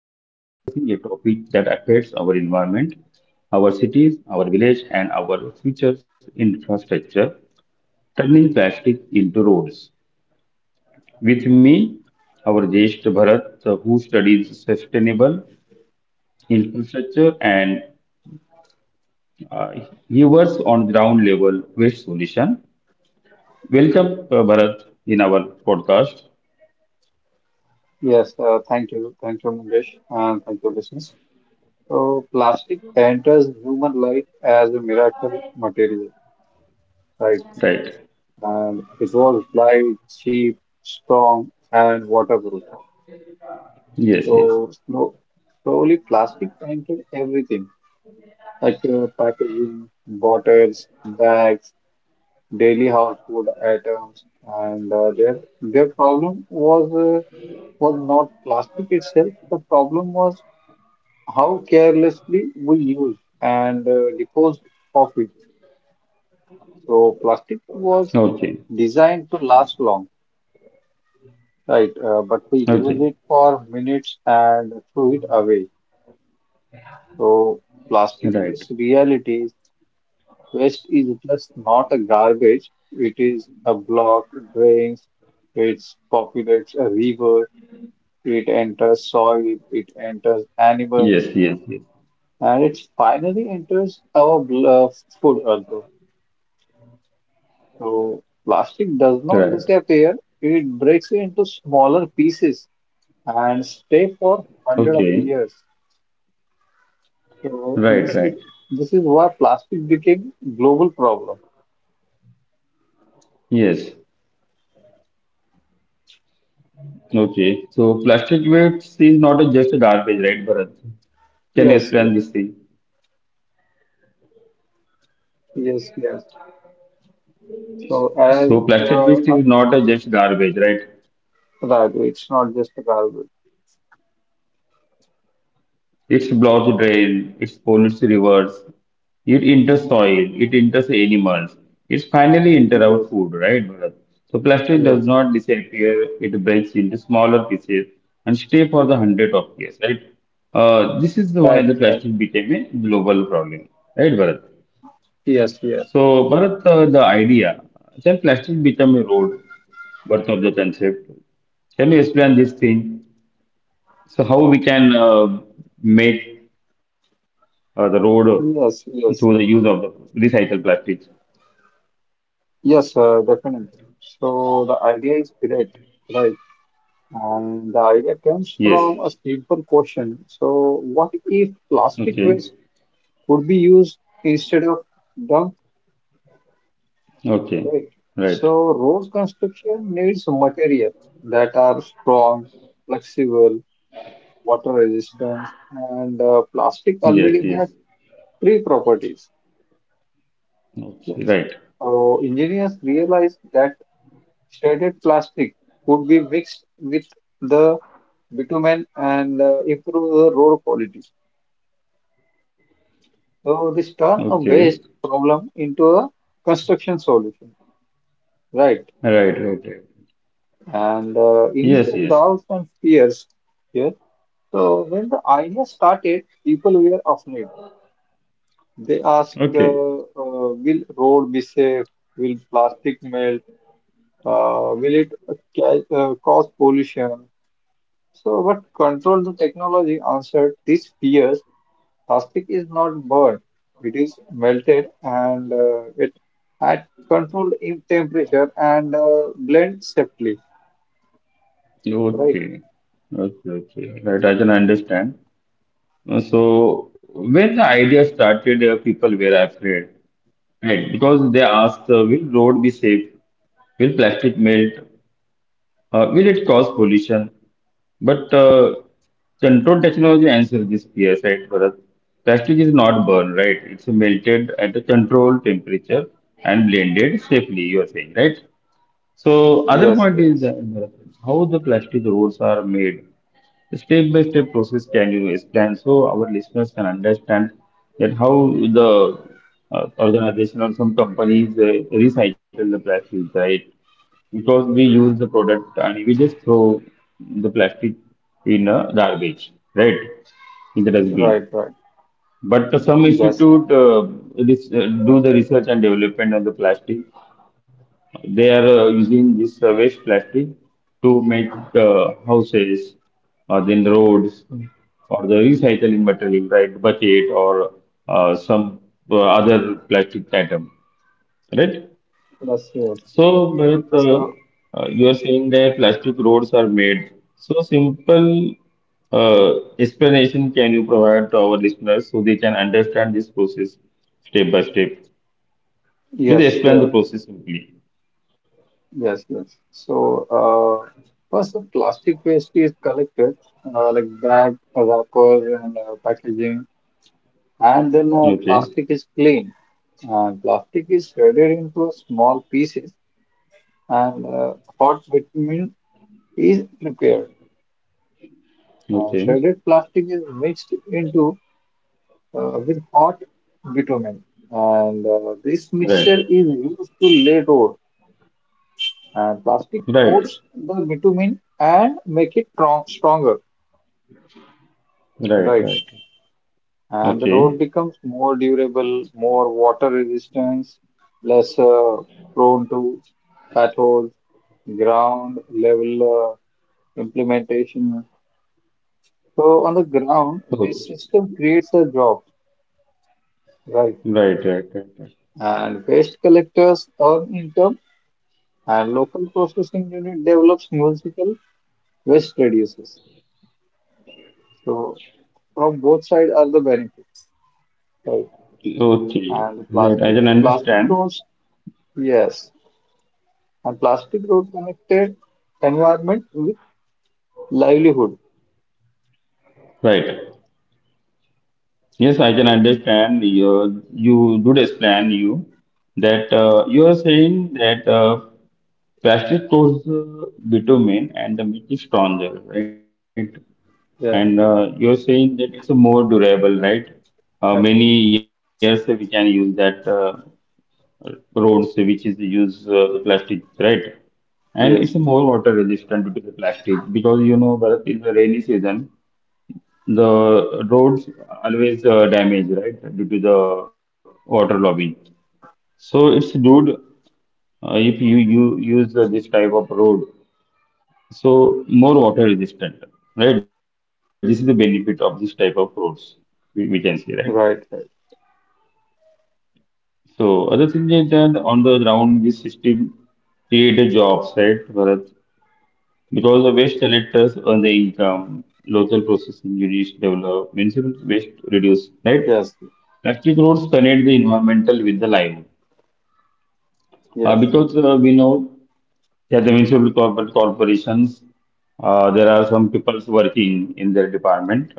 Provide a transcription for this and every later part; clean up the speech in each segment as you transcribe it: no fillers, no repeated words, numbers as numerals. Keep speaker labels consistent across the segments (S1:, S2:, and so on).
S1: are discussing a topic that affects our environment, our cities, our village, and our future's infrastructure turning plastic into roads. With me, our Jesh Bharat, who studies sustainable infrastructure and uh, he works on ground level waste solution. Welcome, Bharat, in our podcast.
S2: Yes, thank you. Thank you, Mangesh, and thank you, listeners. So, plastic enters human life as a miracle material, right?
S1: Right.
S2: And it was light, cheap, strong, and waterproof.
S1: Yes, yes.
S2: So, slowly, plastic entered everything like packaging, bottles, bags, daily household items. And their problem uh, was not plastic itself, the problem was how carelessly we used and disposed of it. So
S1: Okay.
S2: plastic was designed to last long, right?
S1: Okay.
S2: But we use it for minutes and throw it away. So
S1: Right.
S2: plastic is reality. Is Waste is just not a garbage. It is a block, drains, it populates a river, it enters soil, it enters
S1: Yes, yes, yes.
S2: animals, and it finally enters our food also. So plastic
S1: Right.
S2: does not disappear, it breaks into smaller pieces and stay for
S1: Okay.
S2: hundred of years.
S1: Right,
S2: So
S1: right.
S2: this is why plastic became global problem.
S1: Yes. Okay. So plastic waste is not a just a garbage, right, Bharat? Can you explain
S2: Yes,
S1: this thing?
S2: yes, yes. So,
S1: So
S2: as
S1: plastic
S2: uh,
S1: waste
S2: uh,
S1: is not a just garbage, right?
S2: right, it's not just a garbage.
S1: It blocks drain, it pollutes rivers, it enters soil, it enters animals, it finally enters our
S2: Yes,
S1: food, right, Bharat? So plastic does
S2: yes.
S1: not disappear, it breaks into smaller pieces and stay for the hundred of years, right? This is the why
S2: Right,
S1: the
S2: right.
S1: plastic became a global problem, right, Bharat?
S2: Yes, yes.
S1: So, Bharat, the idea, can plastic become a road, birth of the concept? Can you explain this thing? So, how we can make the road
S2: Yes,
S1: through the use
S2: yes.
S1: of the recycled plastics.
S2: Yes, definitely. So the idea is great, right? And the idea
S1: Yes.
S2: comes from a simple question. So, what if
S1: Okay.
S2: plastic waste could be used instead of dumped,
S1: Okay.
S2: right?
S1: Right.
S2: So, road construction needs materials that are strong, flexible, water resistant, and plastic
S1: Yes. Yes.
S2: already has three properties.
S1: Okay. Right.
S2: Yes. So, engineers realized that shredded plastic could be mixed with the bitumen and improve the road quality. So this turn a
S1: Okay.
S2: waste problem into a construction solution, right?
S1: Right. Right. Right.
S2: And
S1: Yes.
S2: initial
S1: Yes.
S2: doubts and fears here. So when the idea started, people were afraid. They asked,
S1: Okay.
S2: will road be safe? Will plastic melt? Will it cause pollution? So, but control the technology answered these fears. Plastic is not burned, it is melted and it at controlled in temperature and blend safely, right?
S1: Okay. Okay. Okay. Right. I can understand. So when the idea started, people were afraid, right? Because they asked, will road be safe? Will plastic melt? Will it cause pollution? But control technology answers this fear, right, Bharat? Plastic is not burned, right? It's melted at a controlled temperature and blended safely, you are saying, right? So, other
S2: Yes,
S1: point is
S2: yes,
S1: that, Bharat, how the plastic roads are made. Step by step process can you explain so our listeners can understand that how the organization or some companies recycle the plastic, right? because we use the product and we just throw the plastic in a garbage, right? In the dustbin.
S2: right, right.
S1: But some
S2: Yes,
S1: institute uh, this, uh, do the research and development on the plastic. They are using this waste plastic to make houses or then roads or the recycling material, right? Bucket or some other plastic item, right?
S2: yes, yes.
S1: So, Bharat,
S2: So,
S1: you are saying that plastic roads are made. So, simple explanation can you provide to our listeners so they can understand this process step by step?
S2: yes,
S1: Please explain the
S2: sure.
S1: process simply.
S2: Yes, yes. So, uh, first, the plastic waste is collected, like bag, wrappers, and packaging, and then
S1: Okay.
S2: plastic is cleaned. And plastic is shredded into small pieces and hot with is prepared. Uh,
S1: Okay.
S2: shredded plastic is mixed into with hot bitumen, and this
S1: Right.
S2: mixture is used to lay road. And plastic
S1: Right.
S2: coats the bitumen and make it stronger,
S1: Right.
S2: right?
S1: Right.
S2: And the
S1: Okay.
S2: road becomes more durable, more water resistance, less prone to potholes, ground level implementation. So on the ground, this
S1: Okay.
S2: system creates a job. Right.
S1: Right. Right. Right. Right.
S2: And waste collectors earn income and local processing unit develops municipal waste reduces. So from both sides are the benefits, right?
S1: Okay.
S2: And
S1: Right. I
S2: plastic
S1: can
S2: plastic
S1: understand.
S2: roads, yes, and plastic road connected environment with livelihood.
S1: Right. Yes, I can understand you. You did explain you that you are saying that plastic stores bitumen and the meat is stronger, right? And
S2: Yes,
S1: you are saying that it's more durable, right?
S2: yes,
S1: Many years we can use that roads which is used plastic, right?
S2: yes,
S1: And it's more water resistant due to the plastic because you know Bharat is a rainy season the roads always damaged, right, due to the water logging. So it's good if you use this type of road.
S2: yes, yes, yes.
S1: So more water resistant, right? This is the benefit of this type of roads we can see, right?
S2: Right, right,
S1: So other thing is that on the ground, this system created jobs, right, Bharat? Because the waste collectors earn the income, local processing units develop, municipal waste reduce, right?
S2: yes,
S1: Electric roads connect the environmental with the livelihood.
S2: yes,
S1: Because we know that the corporations, there are some people working in their department,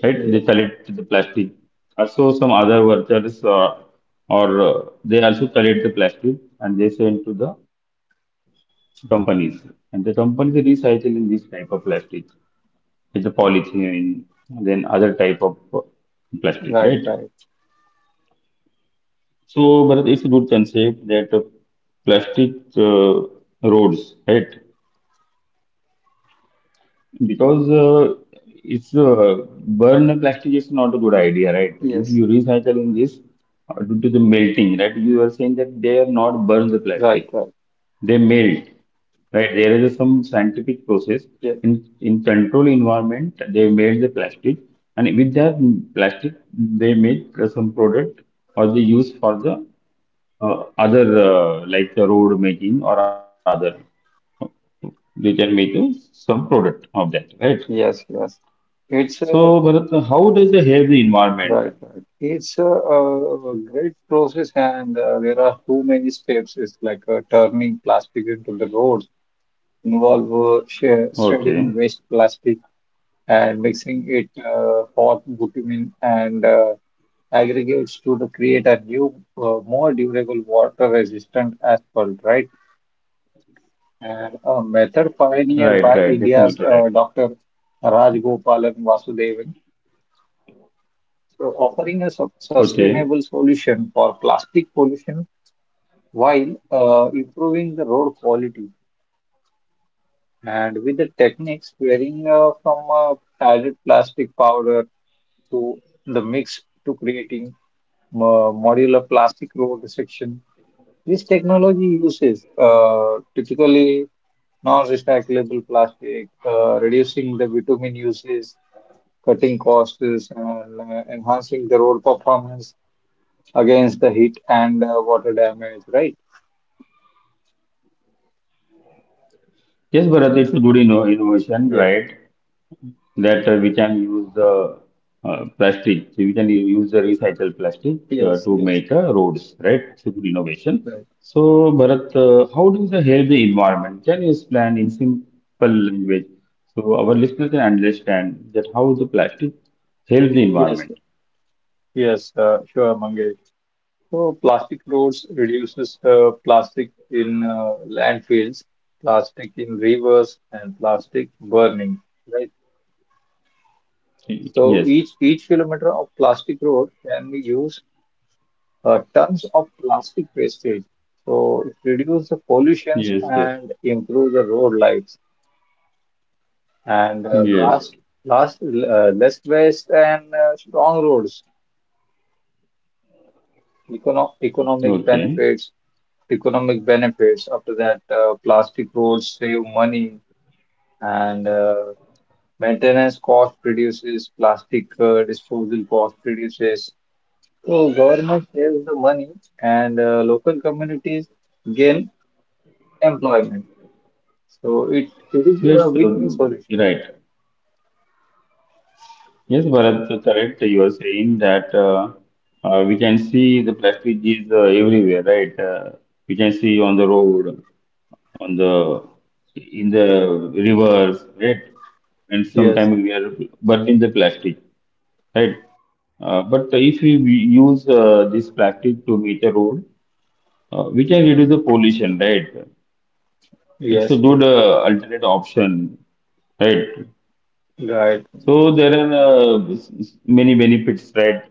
S1: right? They
S2: yes,
S1: collect the plastic. Also, some other workers or they also collect the plastic and they send to the companies. And the companies recycling this type of plastic, it's a polythene, then other type of plastic, right?
S2: right, right,
S1: So, but it's a good concept that plastic uh, roads, right? Because it's burn plastic is not a good idea, right? If you
S2: yes,
S1: recycle in this due to the melting, right? You are saying that they are not burn the plastic,
S2: right, right,
S1: they melt, right? There is some scientific process in
S2: yes,
S1: in control environment. They melt the plastic, and with that plastic, they make some product or they use for the other like the road making or other they can make some product of that. Right,
S2: yes, yes.
S1: so
S2: It's a
S1: Bharat, how does the help the environment?
S2: Right, right. It's a great process, and there are too many steps. It's like turning plastic into the roads, involve shredding
S1: Okay.
S2: waste plastic and mixing it hot bitumen and aggregates to the create a new, more durable, water-resistant asphalt, right? And a
S1: Right,
S2: method
S1: right, definitely,
S2: pioneered
S1: right.
S2: by India's Dr. Raj Gopalan Vasudevan. So offering a
S1: Okay,
S2: sustainable solution for plastic pollution while improving the road quality and with the techniques varying from added plastic powder to the mix to creating modular plastic road section. This technology uses typically non-recyclable plastic, reducing the bitumen uses, cutting costs, and enhancing the road performance. Against the heat and water damage, right?
S1: yes, Bharat, it's a good innovation, right,
S2: Yes,
S1: that we can use the plastic, so we can use the recycled plastic to
S2: yes,
S1: make
S2: yes,
S1: roads, right? So good innovation.
S2: right.
S1: So Bharat, how does the help the environment? Can you explain in simple language so our listener can understand that how the plastic helps the
S2: Yes,
S1: environment?
S2: yes, sure, Mangesh. So plastic roads reduces plastic in landfills, plastic in rivers, and plastic burning, right?
S1: Yes,
S2: So each kilometer of plastic road can be used tons of plastic wastage. So it reduces the
S1: yes,
S2: pollutions
S1: yes,
S2: and improve the road life. And
S1: yes.
S2: last less waste and strong roads econo economic
S1: Okay,
S2: benefits economic benefits after that plastic roads save money and maintenance cost reduces plastic disposal cost reduces so government saves the money and local communities gain employment so it is
S1: yes,
S2: a win-win solution.
S1: right. Yes, Bharat, so correct. You are saying that we can see the plastic is everywhere, right? We can see on the road, on the in the rivers, right? And
S2: Yes,
S1: sometimes we are burning the plastic, right?
S2: yes,
S1: Uh, but
S2: yes,
S1: if we we use this plastic to meet the road, we can reduce the pollution, right? It's a
S2: yes, yes,
S1: good alternate option, right?
S2: right,
S1: So there are many benefits, right?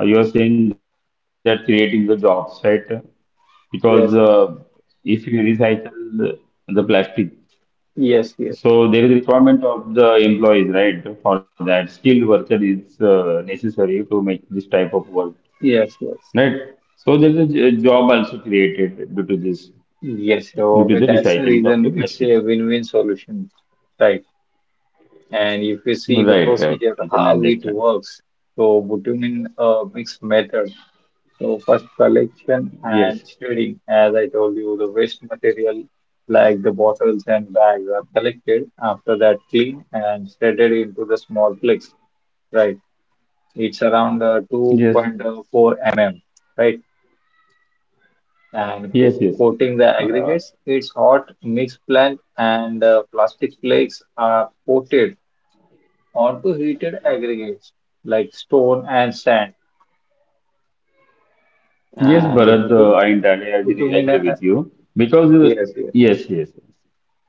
S1: You are saying that creating the jobs, right? Because
S2: yes,
S1: if you recycle the, plastic,
S2: yes, yes.
S1: so there is a requirement of the employees, right? For that, skilled worker is necessary to make this type of work,
S2: Yes, yes.
S1: right? So there is a job also created due to this,
S2: Yes,
S1: due
S2: so
S1: to the
S2: that's the
S1: recycling of the
S2: reason it's
S1: plastic.
S2: a win-win solution, right? And if you see the
S1: Right, right.
S2: procedure,
S1: I can
S2: how it
S1: understand.
S2: works, so bitumen mix method. So first collection and
S1: Yes,
S2: shredding, as I told you, the waste material like the bottles and bags are collected. After that, clean and shredded into the small flakes, right? It's around
S1: yes,
S2: 2.4 mm, right? and
S1: yes,
S2: co-
S1: yes.
S2: coating the
S1: Uh,
S2: aggregates. Its hot mix plant and plastic flakes are coated onto heated aggregates like stone and sand.
S1: yes,
S2: And the
S1: Bharat,
S2: bitumen,
S1: I entirely
S2: bitumen
S1: agree with
S2: uh,
S1: you because
S2: Yes, yes.
S1: yes, yes, yes.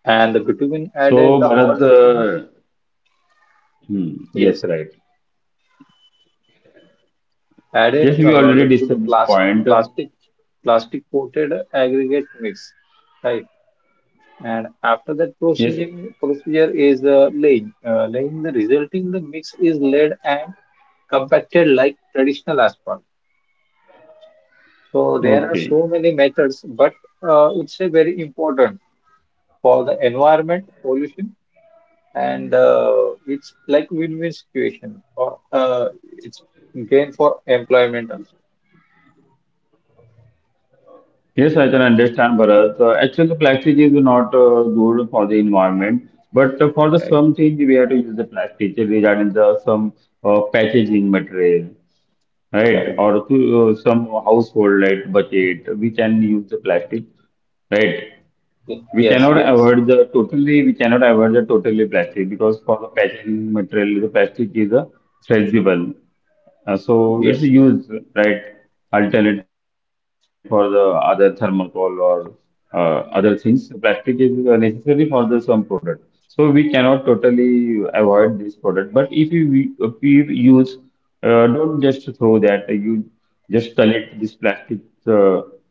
S2: And the bitumen
S1: So
S2: added the
S1: Bharat,
S2: hot bitumen,
S1: yes,
S2: yes,
S1: right.
S2: added
S1: Yes, we already
S2: to the
S1: discussed this
S2: plastic,
S1: point.
S2: plastic, plastic coated aggregate mix, right? And after that
S1: Yes,
S2: procedure is laying. Laying the resulting the mix is laid and compacted like traditional asphalt. So
S1: okay.
S2: there are so many methods, but it's a very important for the environment pollution and it's like win-win situation or it's gain for employment also.
S1: Yes, I can understand, Bharat. Actually, the plastic is not good for the environment, but for the
S2: Right,
S1: some things we have to use the plastic regarding the some packaging material, right?
S2: right.
S1: Or to some household like bucket, we can use the plastic, right? We
S2: Yes,
S1: cannot
S2: yes,
S1: avoid the totally, we cannot avoid the totally plastic because for the packaging material, the plastic is a flexible. So it's
S2: yes, yes,
S1: used, right? Alternate for the other thermocol or other things. Plastic is necessary for the some product. So we cannot totally avoid this product. But if you use, don't just throw that. You just collect this plastic uh,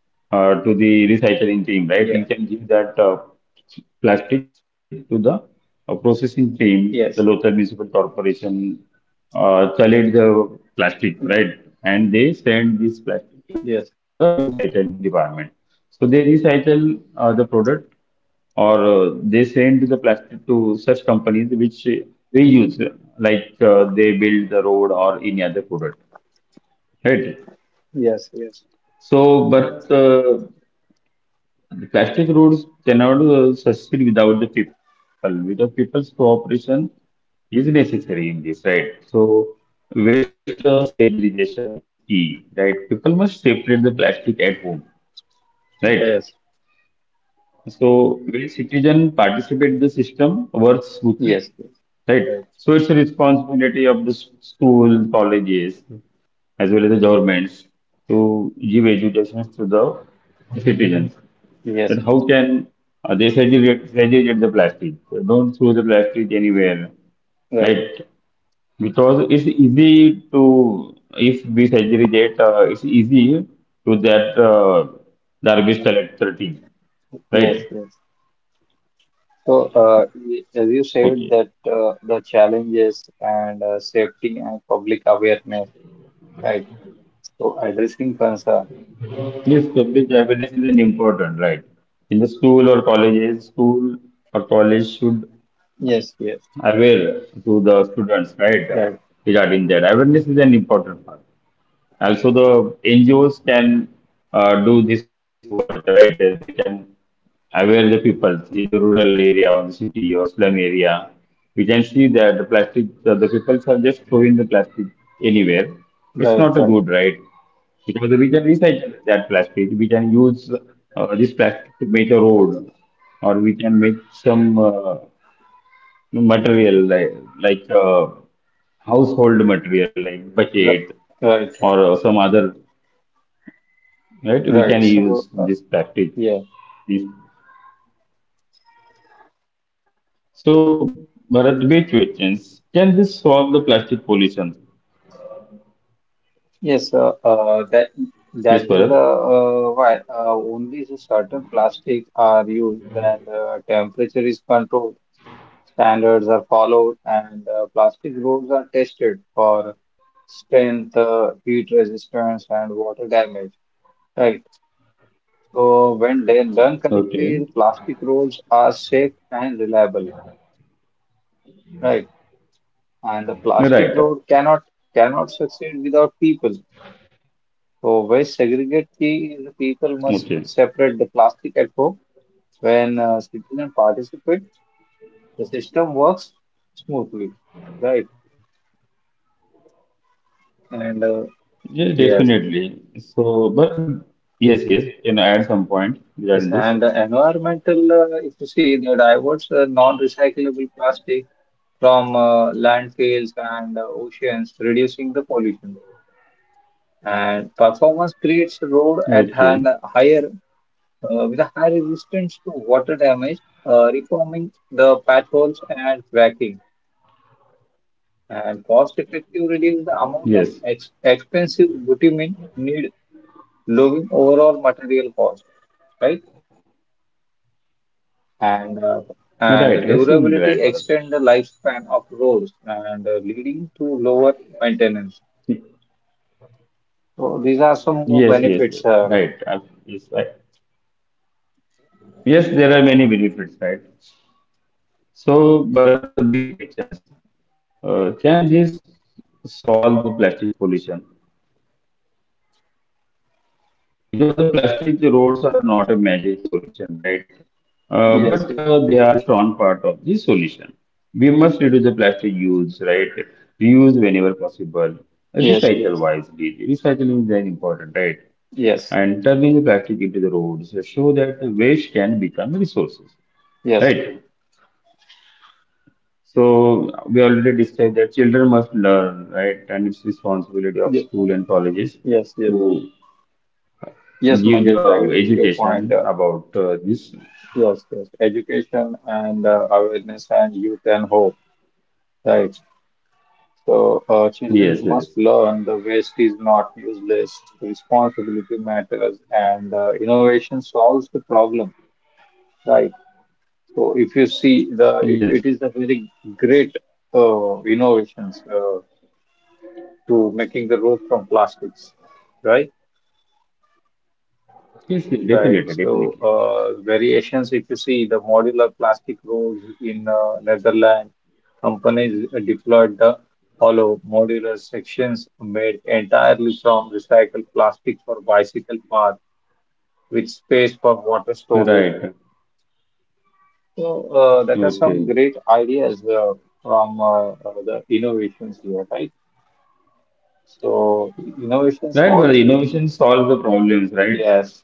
S1: to the recycling
S2: yeah,
S1: team, right? You can give that. Plastic to the processing team, the
S2: yes,
S1: local municipal corporation collect the plastic,
S2: yeah,
S1: right? And they send this plastic to
S2: yes,
S1: the recycling department. So they recycle the product or they send the plastic to such companies which reuse, they build the road or any other product, right?
S2: yes, yes.
S1: So, but the plastic roads cannot succeed without the people. Without people's cooperation is necessary in this, right? So waste segregation is key, right? People must separate the plastic at home, right?
S2: Yes.
S1: So when citizen participate, the system works smoothly,
S2: Yes, yes,
S1: right?
S2: right.
S1: So it's a responsibility of the school, colleges, as well as the governments to give education to the citizens,
S2: Yes,
S1: that how can they segregate the plastic? So don't throw the plastic anywhere.
S2: right.
S1: Like because it's easy to if we segregate, it's easy to that garbage collector team,
S2: Yes,
S1: right?
S2: yes. So, as you said that
S1: Okay.
S2: the challenges and safety and public awareness, right? So addressing concern.
S1: This public awareness is an important, right? In the school or colleges, school or college should
S2: Yes, yes.
S1: aware to the students, right?
S2: Right,
S1: Regarding that, awareness is an important part. Also, the NGOs can do this work, right? They can aware the people in the rural area or the city or slum area. We can see that the plastic, the people are just throwing the plastic anywhere. It's not a
S2: right,
S1: good,
S2: right,
S1: right? Because we can recycle that plastic. We can use this plastic to make a road, or we can make some material like household material like
S2: right,
S1: bucket
S2: right, right.
S1: or some other, right?
S2: Right.
S1: We can
S2: So,
S1: use this
S2: yeah,
S1: practice. This- So, Bharat, which questions. Can this solve the plastic pollution?
S2: yes. That
S1: Yes,
S2: is the
S1: Bharat.
S2: why only the certain plastic are used and temperature is controlled. Standards are followed, and plastic roads are tested for strength, heat resistance, and water damage. Right. So when they learn
S1: Okay.
S2: correctly, the plastic roads are safe and reliable. Right. And the
S1: Right.
S2: plastic road cannot succeed without people. So waste segregate key is the people
S1: Okay.
S2: must separate the plastic at home. When citizens participate, the system works smoothly. Right. And
S1: Yes,
S2: yes.
S1: definitely. So, but yes, yes, you can I add some point regarding
S2: Yes,
S1: this.
S2: and the environmental, if you see, they diverts non-recyclable plastic from landfills and oceans, reducing the pollution. And performance creates road at
S1: Okay.
S2: hand higher with a high resistance to water damage, reforming the potholes and cracking. And cost effective reduce the
S1: Yes.
S2: amount of ex expensive bitumen need, lowering overall material cost, right? and uh,
S1: Right.
S2: and the
S1: Absolutely right, Bharat.
S2: durability extend the lifespan of roads and leading to lower maintenance. So these are some more
S1: Yes, yes, yes.
S2: benefits.
S1: Right. Yes, right. Yes, there are many benefits, right? So, Bharat, the big questions. Can this solve the plastic pollution? Because the plastic roads are not a magic solution, right? But
S2: Yes,
S1: they are a strong part of the solution. We must reduce the plastic use, right? Reuse whenever possible.
S2: yes, yes,
S1: Recycle
S2: yes,
S1: wisely. Recycling is very important, right?
S2: yes,
S1: And turning the plastic into the roads show that the waste can become resources,
S2: yes,
S1: right? So we already discussed that children must learn, right? And it's responsibility of
S2: ye-
S1: school and colleges
S2: yes, yes,
S1: to
S2: yes,
S1: give
S2: Mangesh,
S1: the
S2: I agree with your point.
S1: education
S2: Uh,
S1: about this.
S2: yes, yes, education and awareness and youth and hope, right? So,
S1: Yes,
S2: children
S1: yes,
S2: must learn the waste is not useless, responsibility matters, and innovation solves the problem, right? So if you see
S1: yes, yes,
S2: it is a very great innovations to making the road from plastics, right?
S1: yes, definitely, definitely.
S2: Right. So variations, if you see the modular plastic roads in Netherlands, companies deployed the hollow modular sections made entirely from recycled plastic for bicycle path with space for water storage.
S1: Right.
S2: So that are some
S1: Okay.
S2: great ideas from the innovations here, right? So innovation
S1: Right, but
S2: solves,
S1: innovation solves the problems, right?
S2: yes.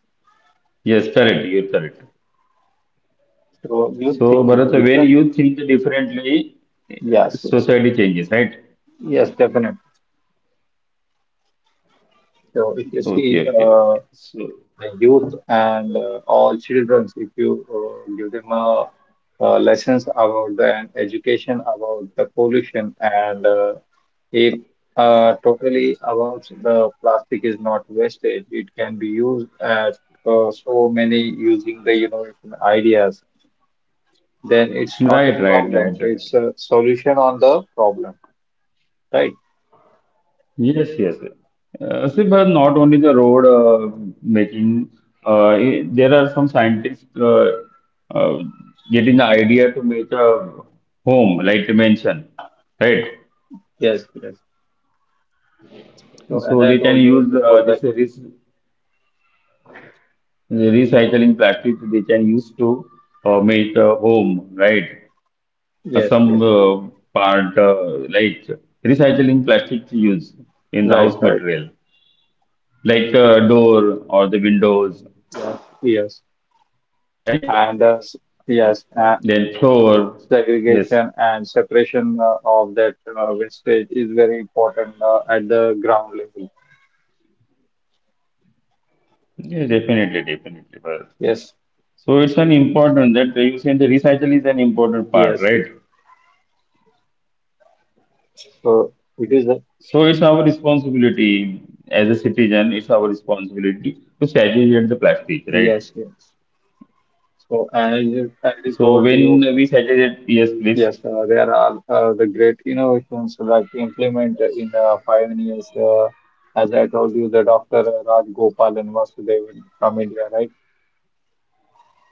S1: Yes, correct. You're correct.
S2: So you
S1: So,
S2: think
S1: Bharat, when
S2: different?
S1: you think differently, eh,
S2: Yes, yeah.
S1: society changes, right?
S2: Yes, definitely. So if you see
S1: Okay, okay, okay. So,
S2: the youth and all children, if you give them lessons about the and education about the pollution and it totally about the plastic is not wasted. It can be used at so many using the innovation ideas. Then it's not a
S1: right, right,
S2: problem.
S1: right,
S2: It's
S1: right.
S2: a solution on the problem, right?
S1: Yes, yes. See, but not only the road making, there are some scientists uh, getting the idea to make a home, like you mentioned, right?
S2: Yes, yes. So as
S1: So
S2: I
S1: they can
S2: told you
S1: use
S2: before that,
S1: this recycling plastic, they can use to make a home, right? Some
S2: yes, yes.
S1: part, like recycling plastic to use in the
S2: Right, right,
S1: house material, like door or the
S2: right. Yes,
S1: windows,
S2: yes.
S1: right?
S2: And yes,
S1: Then will flower. Yes,
S2: segregation and separation of that wastage is very important at the ground level.
S1: yeah, definitely, definitely, Bharat.
S2: Yes,
S1: So it's an important that you say the recycle is an important part,
S2: yes, yes.
S1: right?
S2: So it is a
S1: So it's our responsibility as a citizen. It's our responsibility to segregate the plastic, right?
S2: Yes, yes. So as I told
S1: So
S2: you.
S1: when we segregate, yes,
S2: Yes,
S1: please.
S2: there are the great innovations that implement in pioneers. As I told you, the Dr. Raj Gopal and Vasudevan from India, right?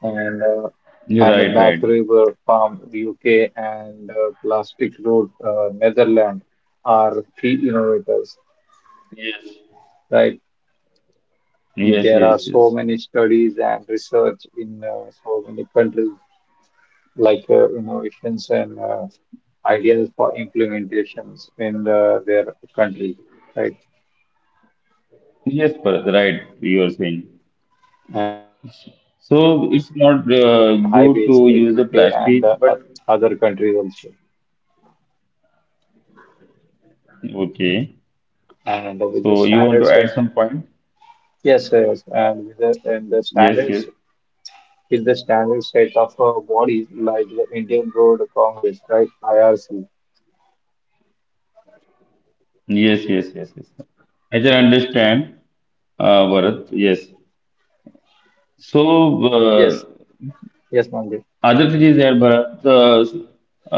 S2: And uh,
S1: You're right, right.
S2: and Mac River from UK and Plastic Road, Netherlands are key innovators,
S1: Yes,
S2: right?
S1: yes, yes,
S2: There are
S1: yes.
S2: so many studies and research in so many countries like innovations and ideas for implementations in their country, right?
S1: Yes, Bharat, right. You are saying.
S2: And adoption also
S1: So
S2: used
S1: it's
S2: in
S1: not
S2: India, national
S1: good
S2: highways,
S1: to
S2: the
S1: use the
S2: UK, and
S1: plastic, but
S2: other countries also.
S1: okay.
S2: And with the
S1: So you want
S2: standard
S1: to add
S2: set,
S1: some point?
S2: yes, yes, and and the
S1: Yes,
S2: standards
S1: yes,
S2: is the standard set of bodies like the Indian Road Congress, right? IRC.
S1: yes, yes, yes, yes. I can understand, Bharat. Yes. So
S2: Yes, yes, Mandir.
S1: other thing is that but the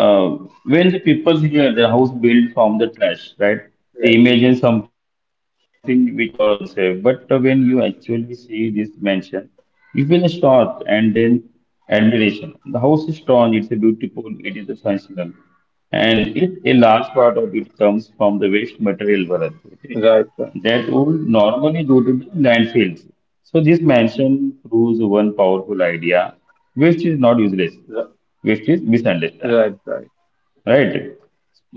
S1: uh, when the people hear the house built from the trash, right?
S2: Yes,
S1: They imagine something which are unsafe. But when you actually see this mansion, you feel shocked and then admiration. The house is strong. It's a beautiful. It is a functional, and it a large part of it comes from the waste material, Bharat. Okay?
S2: right, right,
S1: That would normally go to the landfills. So this mention proves one powerful idea, waste is not useless,
S2: right,
S1: waste is misunderstood,
S2: right. Right.
S1: right?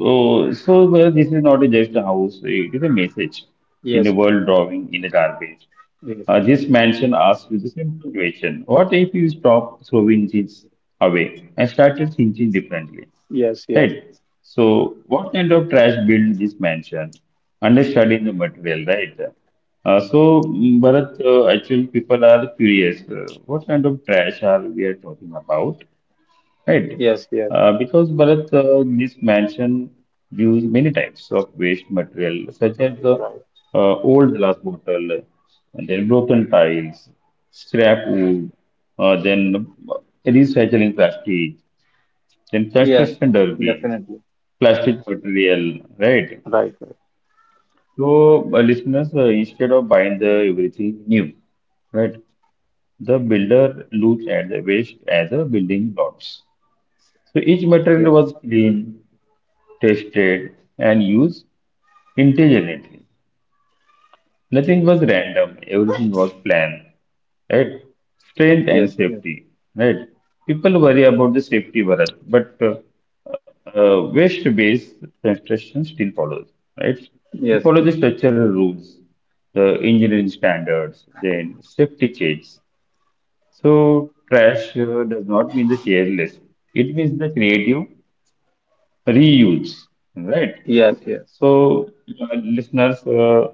S1: So, so well, this is not just a house, it is a message in a
S2: Yes,
S1: world drawing in a garbage.
S2: yes,
S1: This mansion asks you the simple question, what if you stop throwing things away and started thinking differently?
S2: yes, yes,
S1: Right. So, what kind of trash build this mansion? Understanding the material, right? Bharat, actually, people are curious. What kind of trash are we are talking about, right?
S2: yes, yes.
S1: Because Bharat, this mansion use many types of waste material, such as
S2: Right,
S1: the
S2: right.
S1: uh, old glass bottle, and then broken tiles, scrap wood, then recycling plastic then
S2: Yes,
S1: construction derbies,
S2: definitely.
S1: plastic material, right?
S2: Right, right.
S1: So, listeners, instead of buying the everything new, right, the builder looks at the waste as a building blocks. So each
S2: Yeah.
S1: material was cleaned, tested, and used intelligently. Nothing was random, everything was planned, right? Strength and
S2: Yes, yes,
S1: safety, right? People worry about the safety, Bharat, but waste-based construction still follows, right? They
S2: yes,
S1: follow
S2: yes,
S1: the structural rules, the engineering standards, then safety checks. So trash does not mean the careless. It means the creative reuse, right?
S2: yes, yes.
S1: So listeners,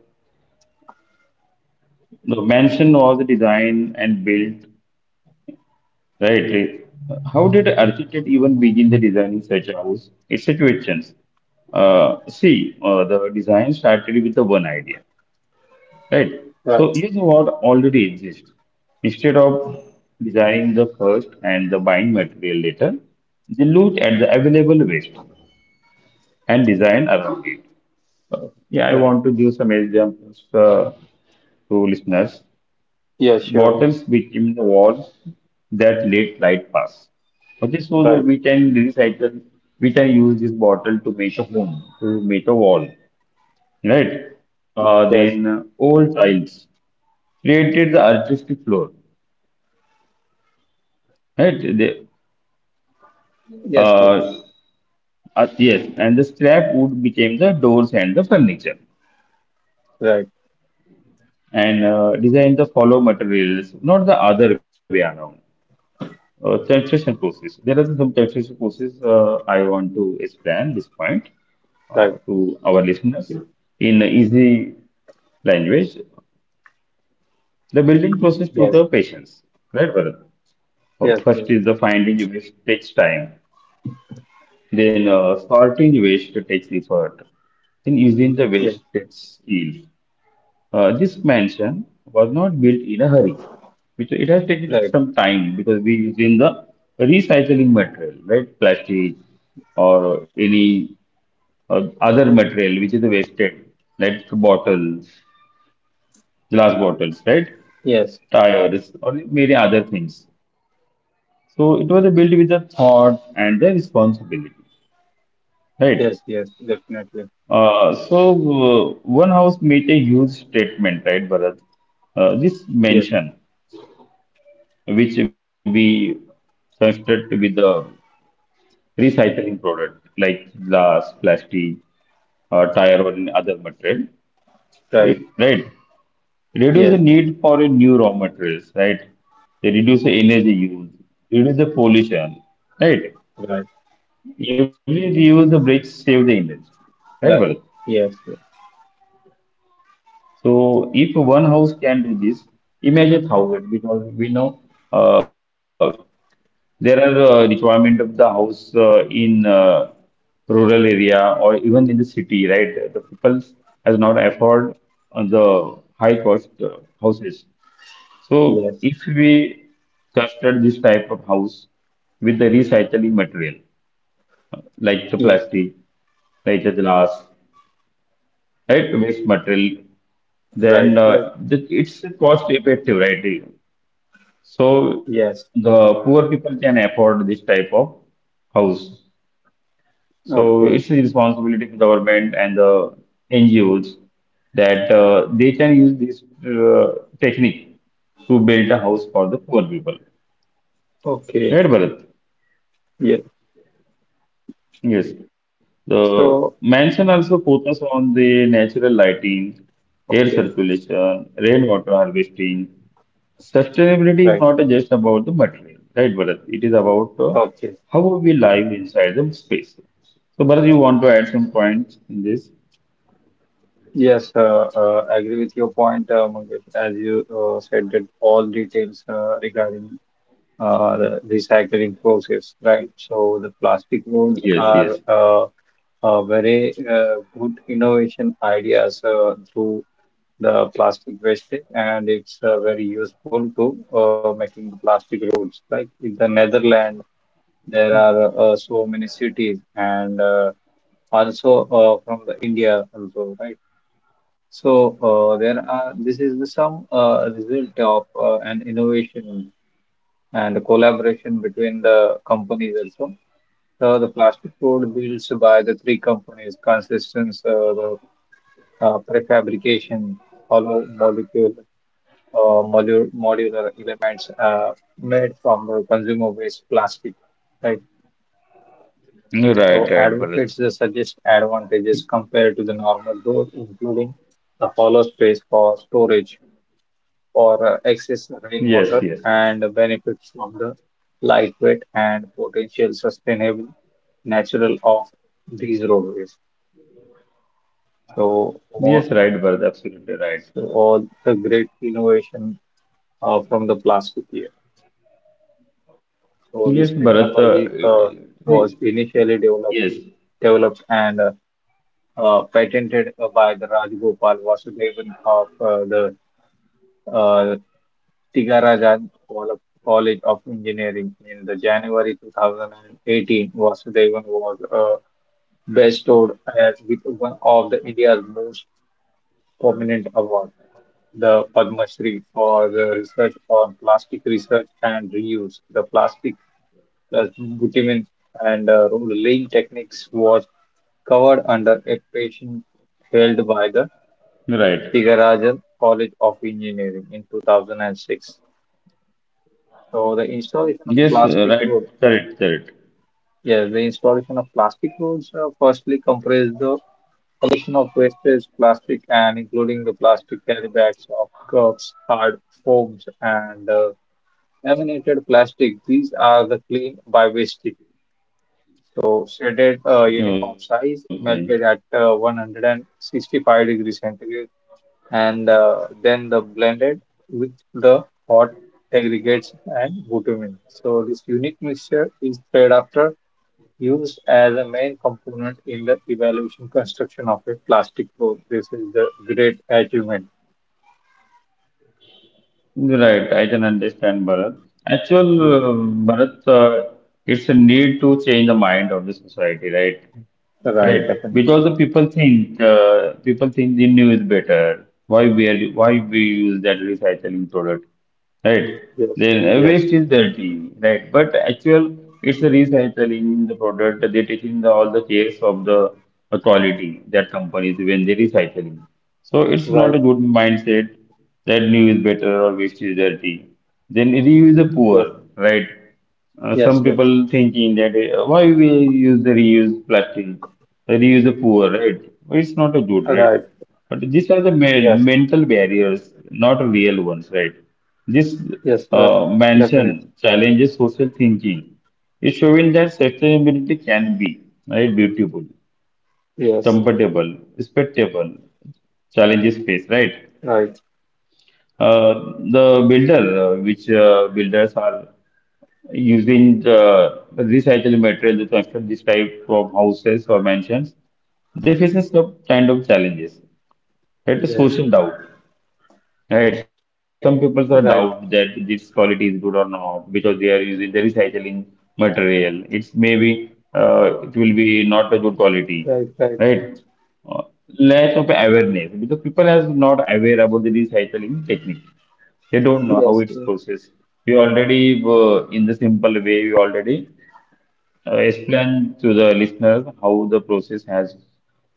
S1: the mansion was designed and built, right? How did architect even begin the designing such house? It's a question. See, the design started with the one idea, right? So
S2: Right,
S1: use what already exists. Instead of designing the first and the buying material later, they looked at the available waste and design around it. Yeah, I
S2: right.
S1: want to give some examples to listeners.
S2: Yes, sure.
S1: Bottoms became the walls that let light pass. Okay, so
S2: Right.
S1: we can recycle, we can use this bottle to make a home, to make a wall, right?
S2: Yes,
S1: Then Old tiles created the artistic floor, right?
S2: yes, yes.
S1: Uh, yes, and the scrap wood became the doors and the furniture,
S2: Right,
S1: and designed the follow materials, not the other way around. Titration process. There are some titration process I want to explain this point
S2: right.
S1: to our listeners
S2: Yes,
S1: in easy language the building process to
S2: yes,
S1: the patients, right, Bharat?
S2: yes,
S1: First is the finding waste takes time, then sorting waste takes effort, then using the
S2: yes.
S1: waste takes skills. This mansion was not built in a hurry, which it has taken
S2: Right.
S1: some time because we use in the recycling material, right, plastic or any other material which is wasted, like bottles glass bottles, right?
S2: Yes,
S1: Tires or many other things.
S2: yes,
S1: So it
S2: yes.
S1: was built with the thought and the responsibility, right?
S2: Yes, yes, definitely.
S1: Uh, so One house made a huge statement, right, Bharat? This
S2: Yes,
S1: mention, which we construct with the recycling product like glass, plastic, tire, or any other material,
S2: right.
S1: right? Reduce
S2: Yes,
S1: the need for a new raw materials, right? They reduce the energy use, reduce the pollution, right?
S2: right,
S1: Every reuse the bricks save the energy,
S2: right.
S1: right, Bharat?
S2: Yes,
S1: So if one house can do this, imagine thousand because we know uh, there are requirement of the house in rural area or even in the city, right? The people has not afford the high cost houses. So
S2: yes,
S1: if we construct this type of house with the recycling material, like the
S2: yes, yes.
S1: plastic, like the glass, right, waste material,
S2: Right,
S1: then
S2: right.
S1: it's cost effective, right? So
S2: Yes.
S1: the poor people can afford this type of house. So
S2: Okay,
S1: it's a responsibility for government and the NGOs that they can use this technique to build a house for the poor people.
S2: okay.
S1: Right, Bharat?
S2: Yes.
S1: Yes, the
S2: So,
S1: mansion also focus on the natural lighting, air
S2: okay,
S1: circulation, rainwater harvesting. Sustainability
S2: right.
S1: is not just about the material, right, Bharat? It is about
S2: Okay.
S1: how we live inside the space. So, Bharat, you want to add some points in this?
S2: Yes, I agree with your point, Mangesh. As you said, that all details regarding the recycling process, right? So the plastic
S1: Yes,
S2: roads
S1: yes.
S2: are very good innovation ideas through the plastic wastage, and it's very useful to making plastic roads. Like in the Netherlands, there are so many cities, and also from the India also, right? So there are, this is the some result of an innovation and collaboration between the companies also. So the plastic road builds by the three companies, Consistence, the prefabrication, hollow molecule, modular elements made from the consumer waste plastic, right?
S1: Right,
S2: So
S1: right, Bharat.
S2: advocates suggest advantages compared to the normal road, including the hollow space for storage or excess
S1: Yes,
S2: rainwater
S1: yes, yes.
S2: and benefits from the lightweight and potential sustainable natural of these roadways. So, all,
S1: Yes, right, Bharat. Absolutely
S2: so
S1: right.
S2: all the great innovation from the plastic here. So this
S1: Yes, Bharat.
S2: technology was initially developed
S1: Yes,
S2: developed and patented by the Rajagopal Vasudevan of the uh, College of Engineering. In the January 2018, Vasudevan was bestowed as with one of the India's most prominent awards, the Padma Shri, for the research on plastic research and reuse. The plastic plus bitumen and rolling techniques was covered under a patent held by the
S1: right.
S2: Thiagarajan College of Engineering in 2006. So the installation of
S1: Yes,
S2: plastic
S1: right.
S2: road.
S1: Correct, correct.
S2: Yeah, the installation of plastic roads firstly comprised the collection of wastage plastic and including the plastic carry bags of cups, hard foams, and laminated plastic. These are the clean by wastage. So shredded uniform
S1: Okay.
S2: size, melted at 165 degrees centigrade, and then the blended with the hot aggregates and bitumen. So this unique mixture is spread after used as a main component in the evaluation construction of a plastic board. This is the great achievement.
S1: Right, I can understand Bharat. Actual,
S2: Yes,
S1: uh, Bharat, it's a need to change the mind of the society, right?
S2: right,
S1: Right.
S2: definitely.
S1: Because the people think the new is better. Why we use that recycling product, right?
S2: Yes,
S1: Then
S2: yes,
S1: waste is dirty, right? But actual it's the recycling the product. They taking the all the cares of the quality that companies when they recycling. So it's not a
S2: right,
S1: good mindset that new is better or waste is dirty. Then reuse the
S2: yes,
S1: poor, right?
S2: yes,
S1: Some
S2: yes,
S1: people thinking that why we use the reuse plastic, the reuse the poor, right? Well, it's not a good, right?
S2: right,
S1: But these are the
S2: yes,
S1: mental barriers, not real ones, right? This
S2: yes,
S1: mansion
S2: definitely.
S1: challenges social thinking. It's showing that sustainability can be right, beautiful,
S2: Yes,
S1: comfortable, respectable, challenges face, right?
S2: right,
S1: Uh, the builder, which builders are using the recycled material to construct this type of houses or mansions, they faces some kind of challenges. Right,
S2: yes,
S1: social doubt. Right, some people are doubt that
S2: right,
S1: this quality is good or not because they are using the recycling material. It's maybe it will be not a good quality.
S2: right,
S1: Right.
S2: right,
S1: Uh, Lack of awareness because people are not aware about the recycling technique. They don't know how
S2: yes,
S1: it's processed. We already In the simple way we already explain to the listeners how the process has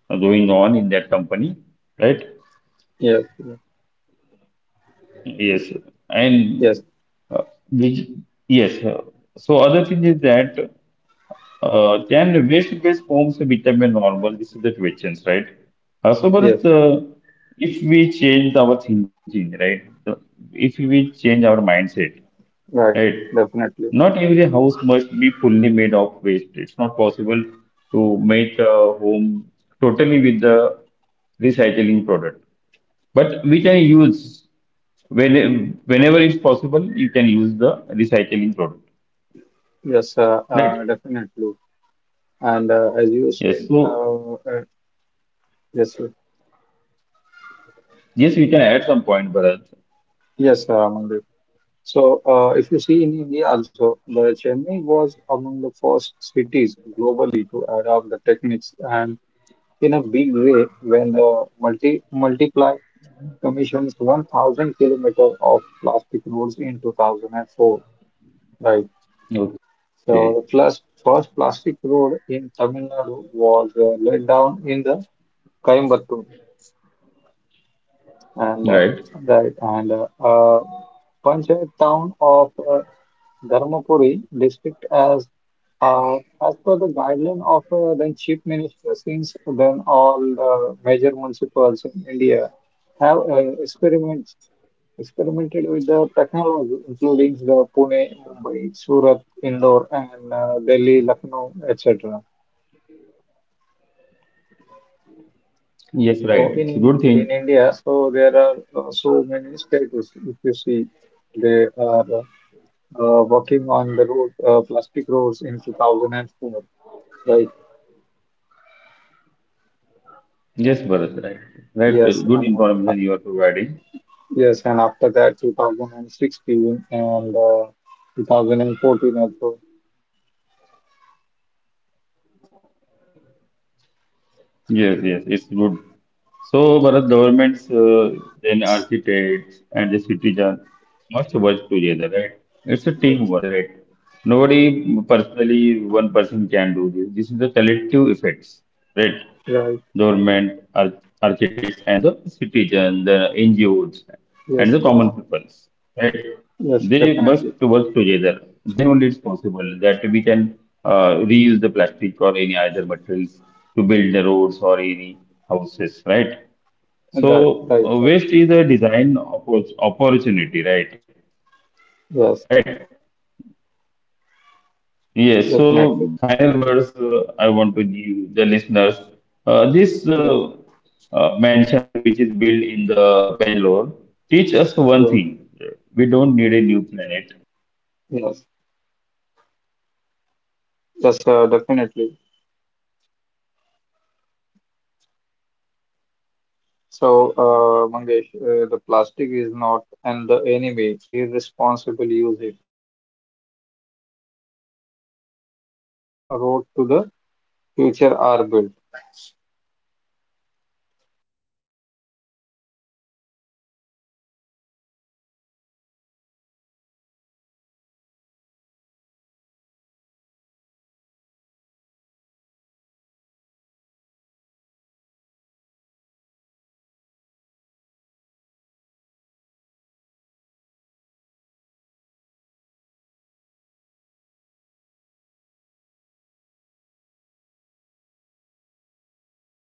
S1: going on in that company, right?
S2: yes, yes,
S1: Yes, and
S2: yes,
S1: uh, which yes. So other thing is that can waste-based forms become a normal? This is the questions, right? So,
S2: yes,
S1: but If we change our thinking, right? If we change our mindset,
S2: right,
S1: right.
S2: definitely.
S1: Not every house must be fully made of waste. It's not possible to make a home totally with the recycling product. But we can use whenever it's possible, you can use the recycling product.
S2: Yes,
S1: Right.
S2: definitely. And as you
S1: Yes.
S2: said,
S1: So
S2: yes, sir.
S1: yes, we can add some point, Bharat.
S2: Yes, so, if you see in India also, the Chennai was among the first cities globally to adopt the techniques and in a big way when the multiply commissions 1,000 kilometer of plastic roads in 2004, right?
S1: Okay.
S2: So, plus first plastic road in Tamil Nadu was laid down in the Coimbatore and
S1: Right.
S2: right and Panchayat town of Dharmapuri district uh, as per the guideline of then chief minister. Since then all major municipalities in India have experiments experimented with the technology including the Pune, Mumbai, Surat, Indore and Delhi, Lucknow, etc.
S1: Yes, right.
S2: So
S1: It's a
S2: in
S1: good
S2: in
S1: thing.
S2: in India, so there are so many states. If you see, they are working on the road plastic roads in 2004.
S1: Yes, Bharat. Right. Right.
S2: Yes,
S1: Good information you are providing.
S2: yes, and after that, 2016 and 2014 also.
S1: Yes, yes, it's good. So, Bharat, governments, then architects and the citizen must work together, right? It's a
S2: Yes,
S1: teamwork, right? Nobody personally, one person can do this. This is the collective effects, right?
S2: right.
S1: Government, ar architects, and the citizen, the NGOs,
S2: Yes,
S1: and the
S2: yes,
S1: common peoples, right?
S2: yes,
S1: They
S2: definitely.
S1: must work together. Then only it's possible that we can reuse the plastic or any other materials to build the roads or any houses, right?
S2: Right, right, right.
S1: So waste is a design opportunity, right?
S2: Yes,
S1: Right. Yes,
S2: definitely.
S1: so final words I want to give the listeners. Uh, this
S2: Yeah,
S1: uh, uh, mansions which is built in the Bangalore teach us
S2: yeah,
S1: one thing. We don't need a new planet. We
S2: yes,
S1: need new thinking. What we throw
S2: yes,
S1: away today
S2: definitely.
S1: could be tomorrow. Right? Elephant Hospital. Did you
S2: So,
S1: know India has
S2: Mangesh,
S1: an
S2: the
S1: elephant
S2: plastic is
S1: only
S2: not and
S1: hospital?
S2: the enemy. Irresponsible
S1: Right.
S2: use
S1: This
S2: it, right?
S1: episode we will
S2: And
S1: telecast
S2: when
S1: on the
S2: waste
S1: next
S2: meet
S1: episode as
S2: wisdom,
S1: a next
S2: road to
S1: episode.
S2: the
S1: Okay.
S2: future are built.
S1: So regarding the recycling of plastics, uh, right? We already discussed all the point that how the scientists research and how they build the road as well as how they made the home, like in city Bangalore in India. Right, Bharat? So, Bharat, thank you for joining this podcast and thank you, listeners, for your valuable time. And please listen our next episode. Thank you.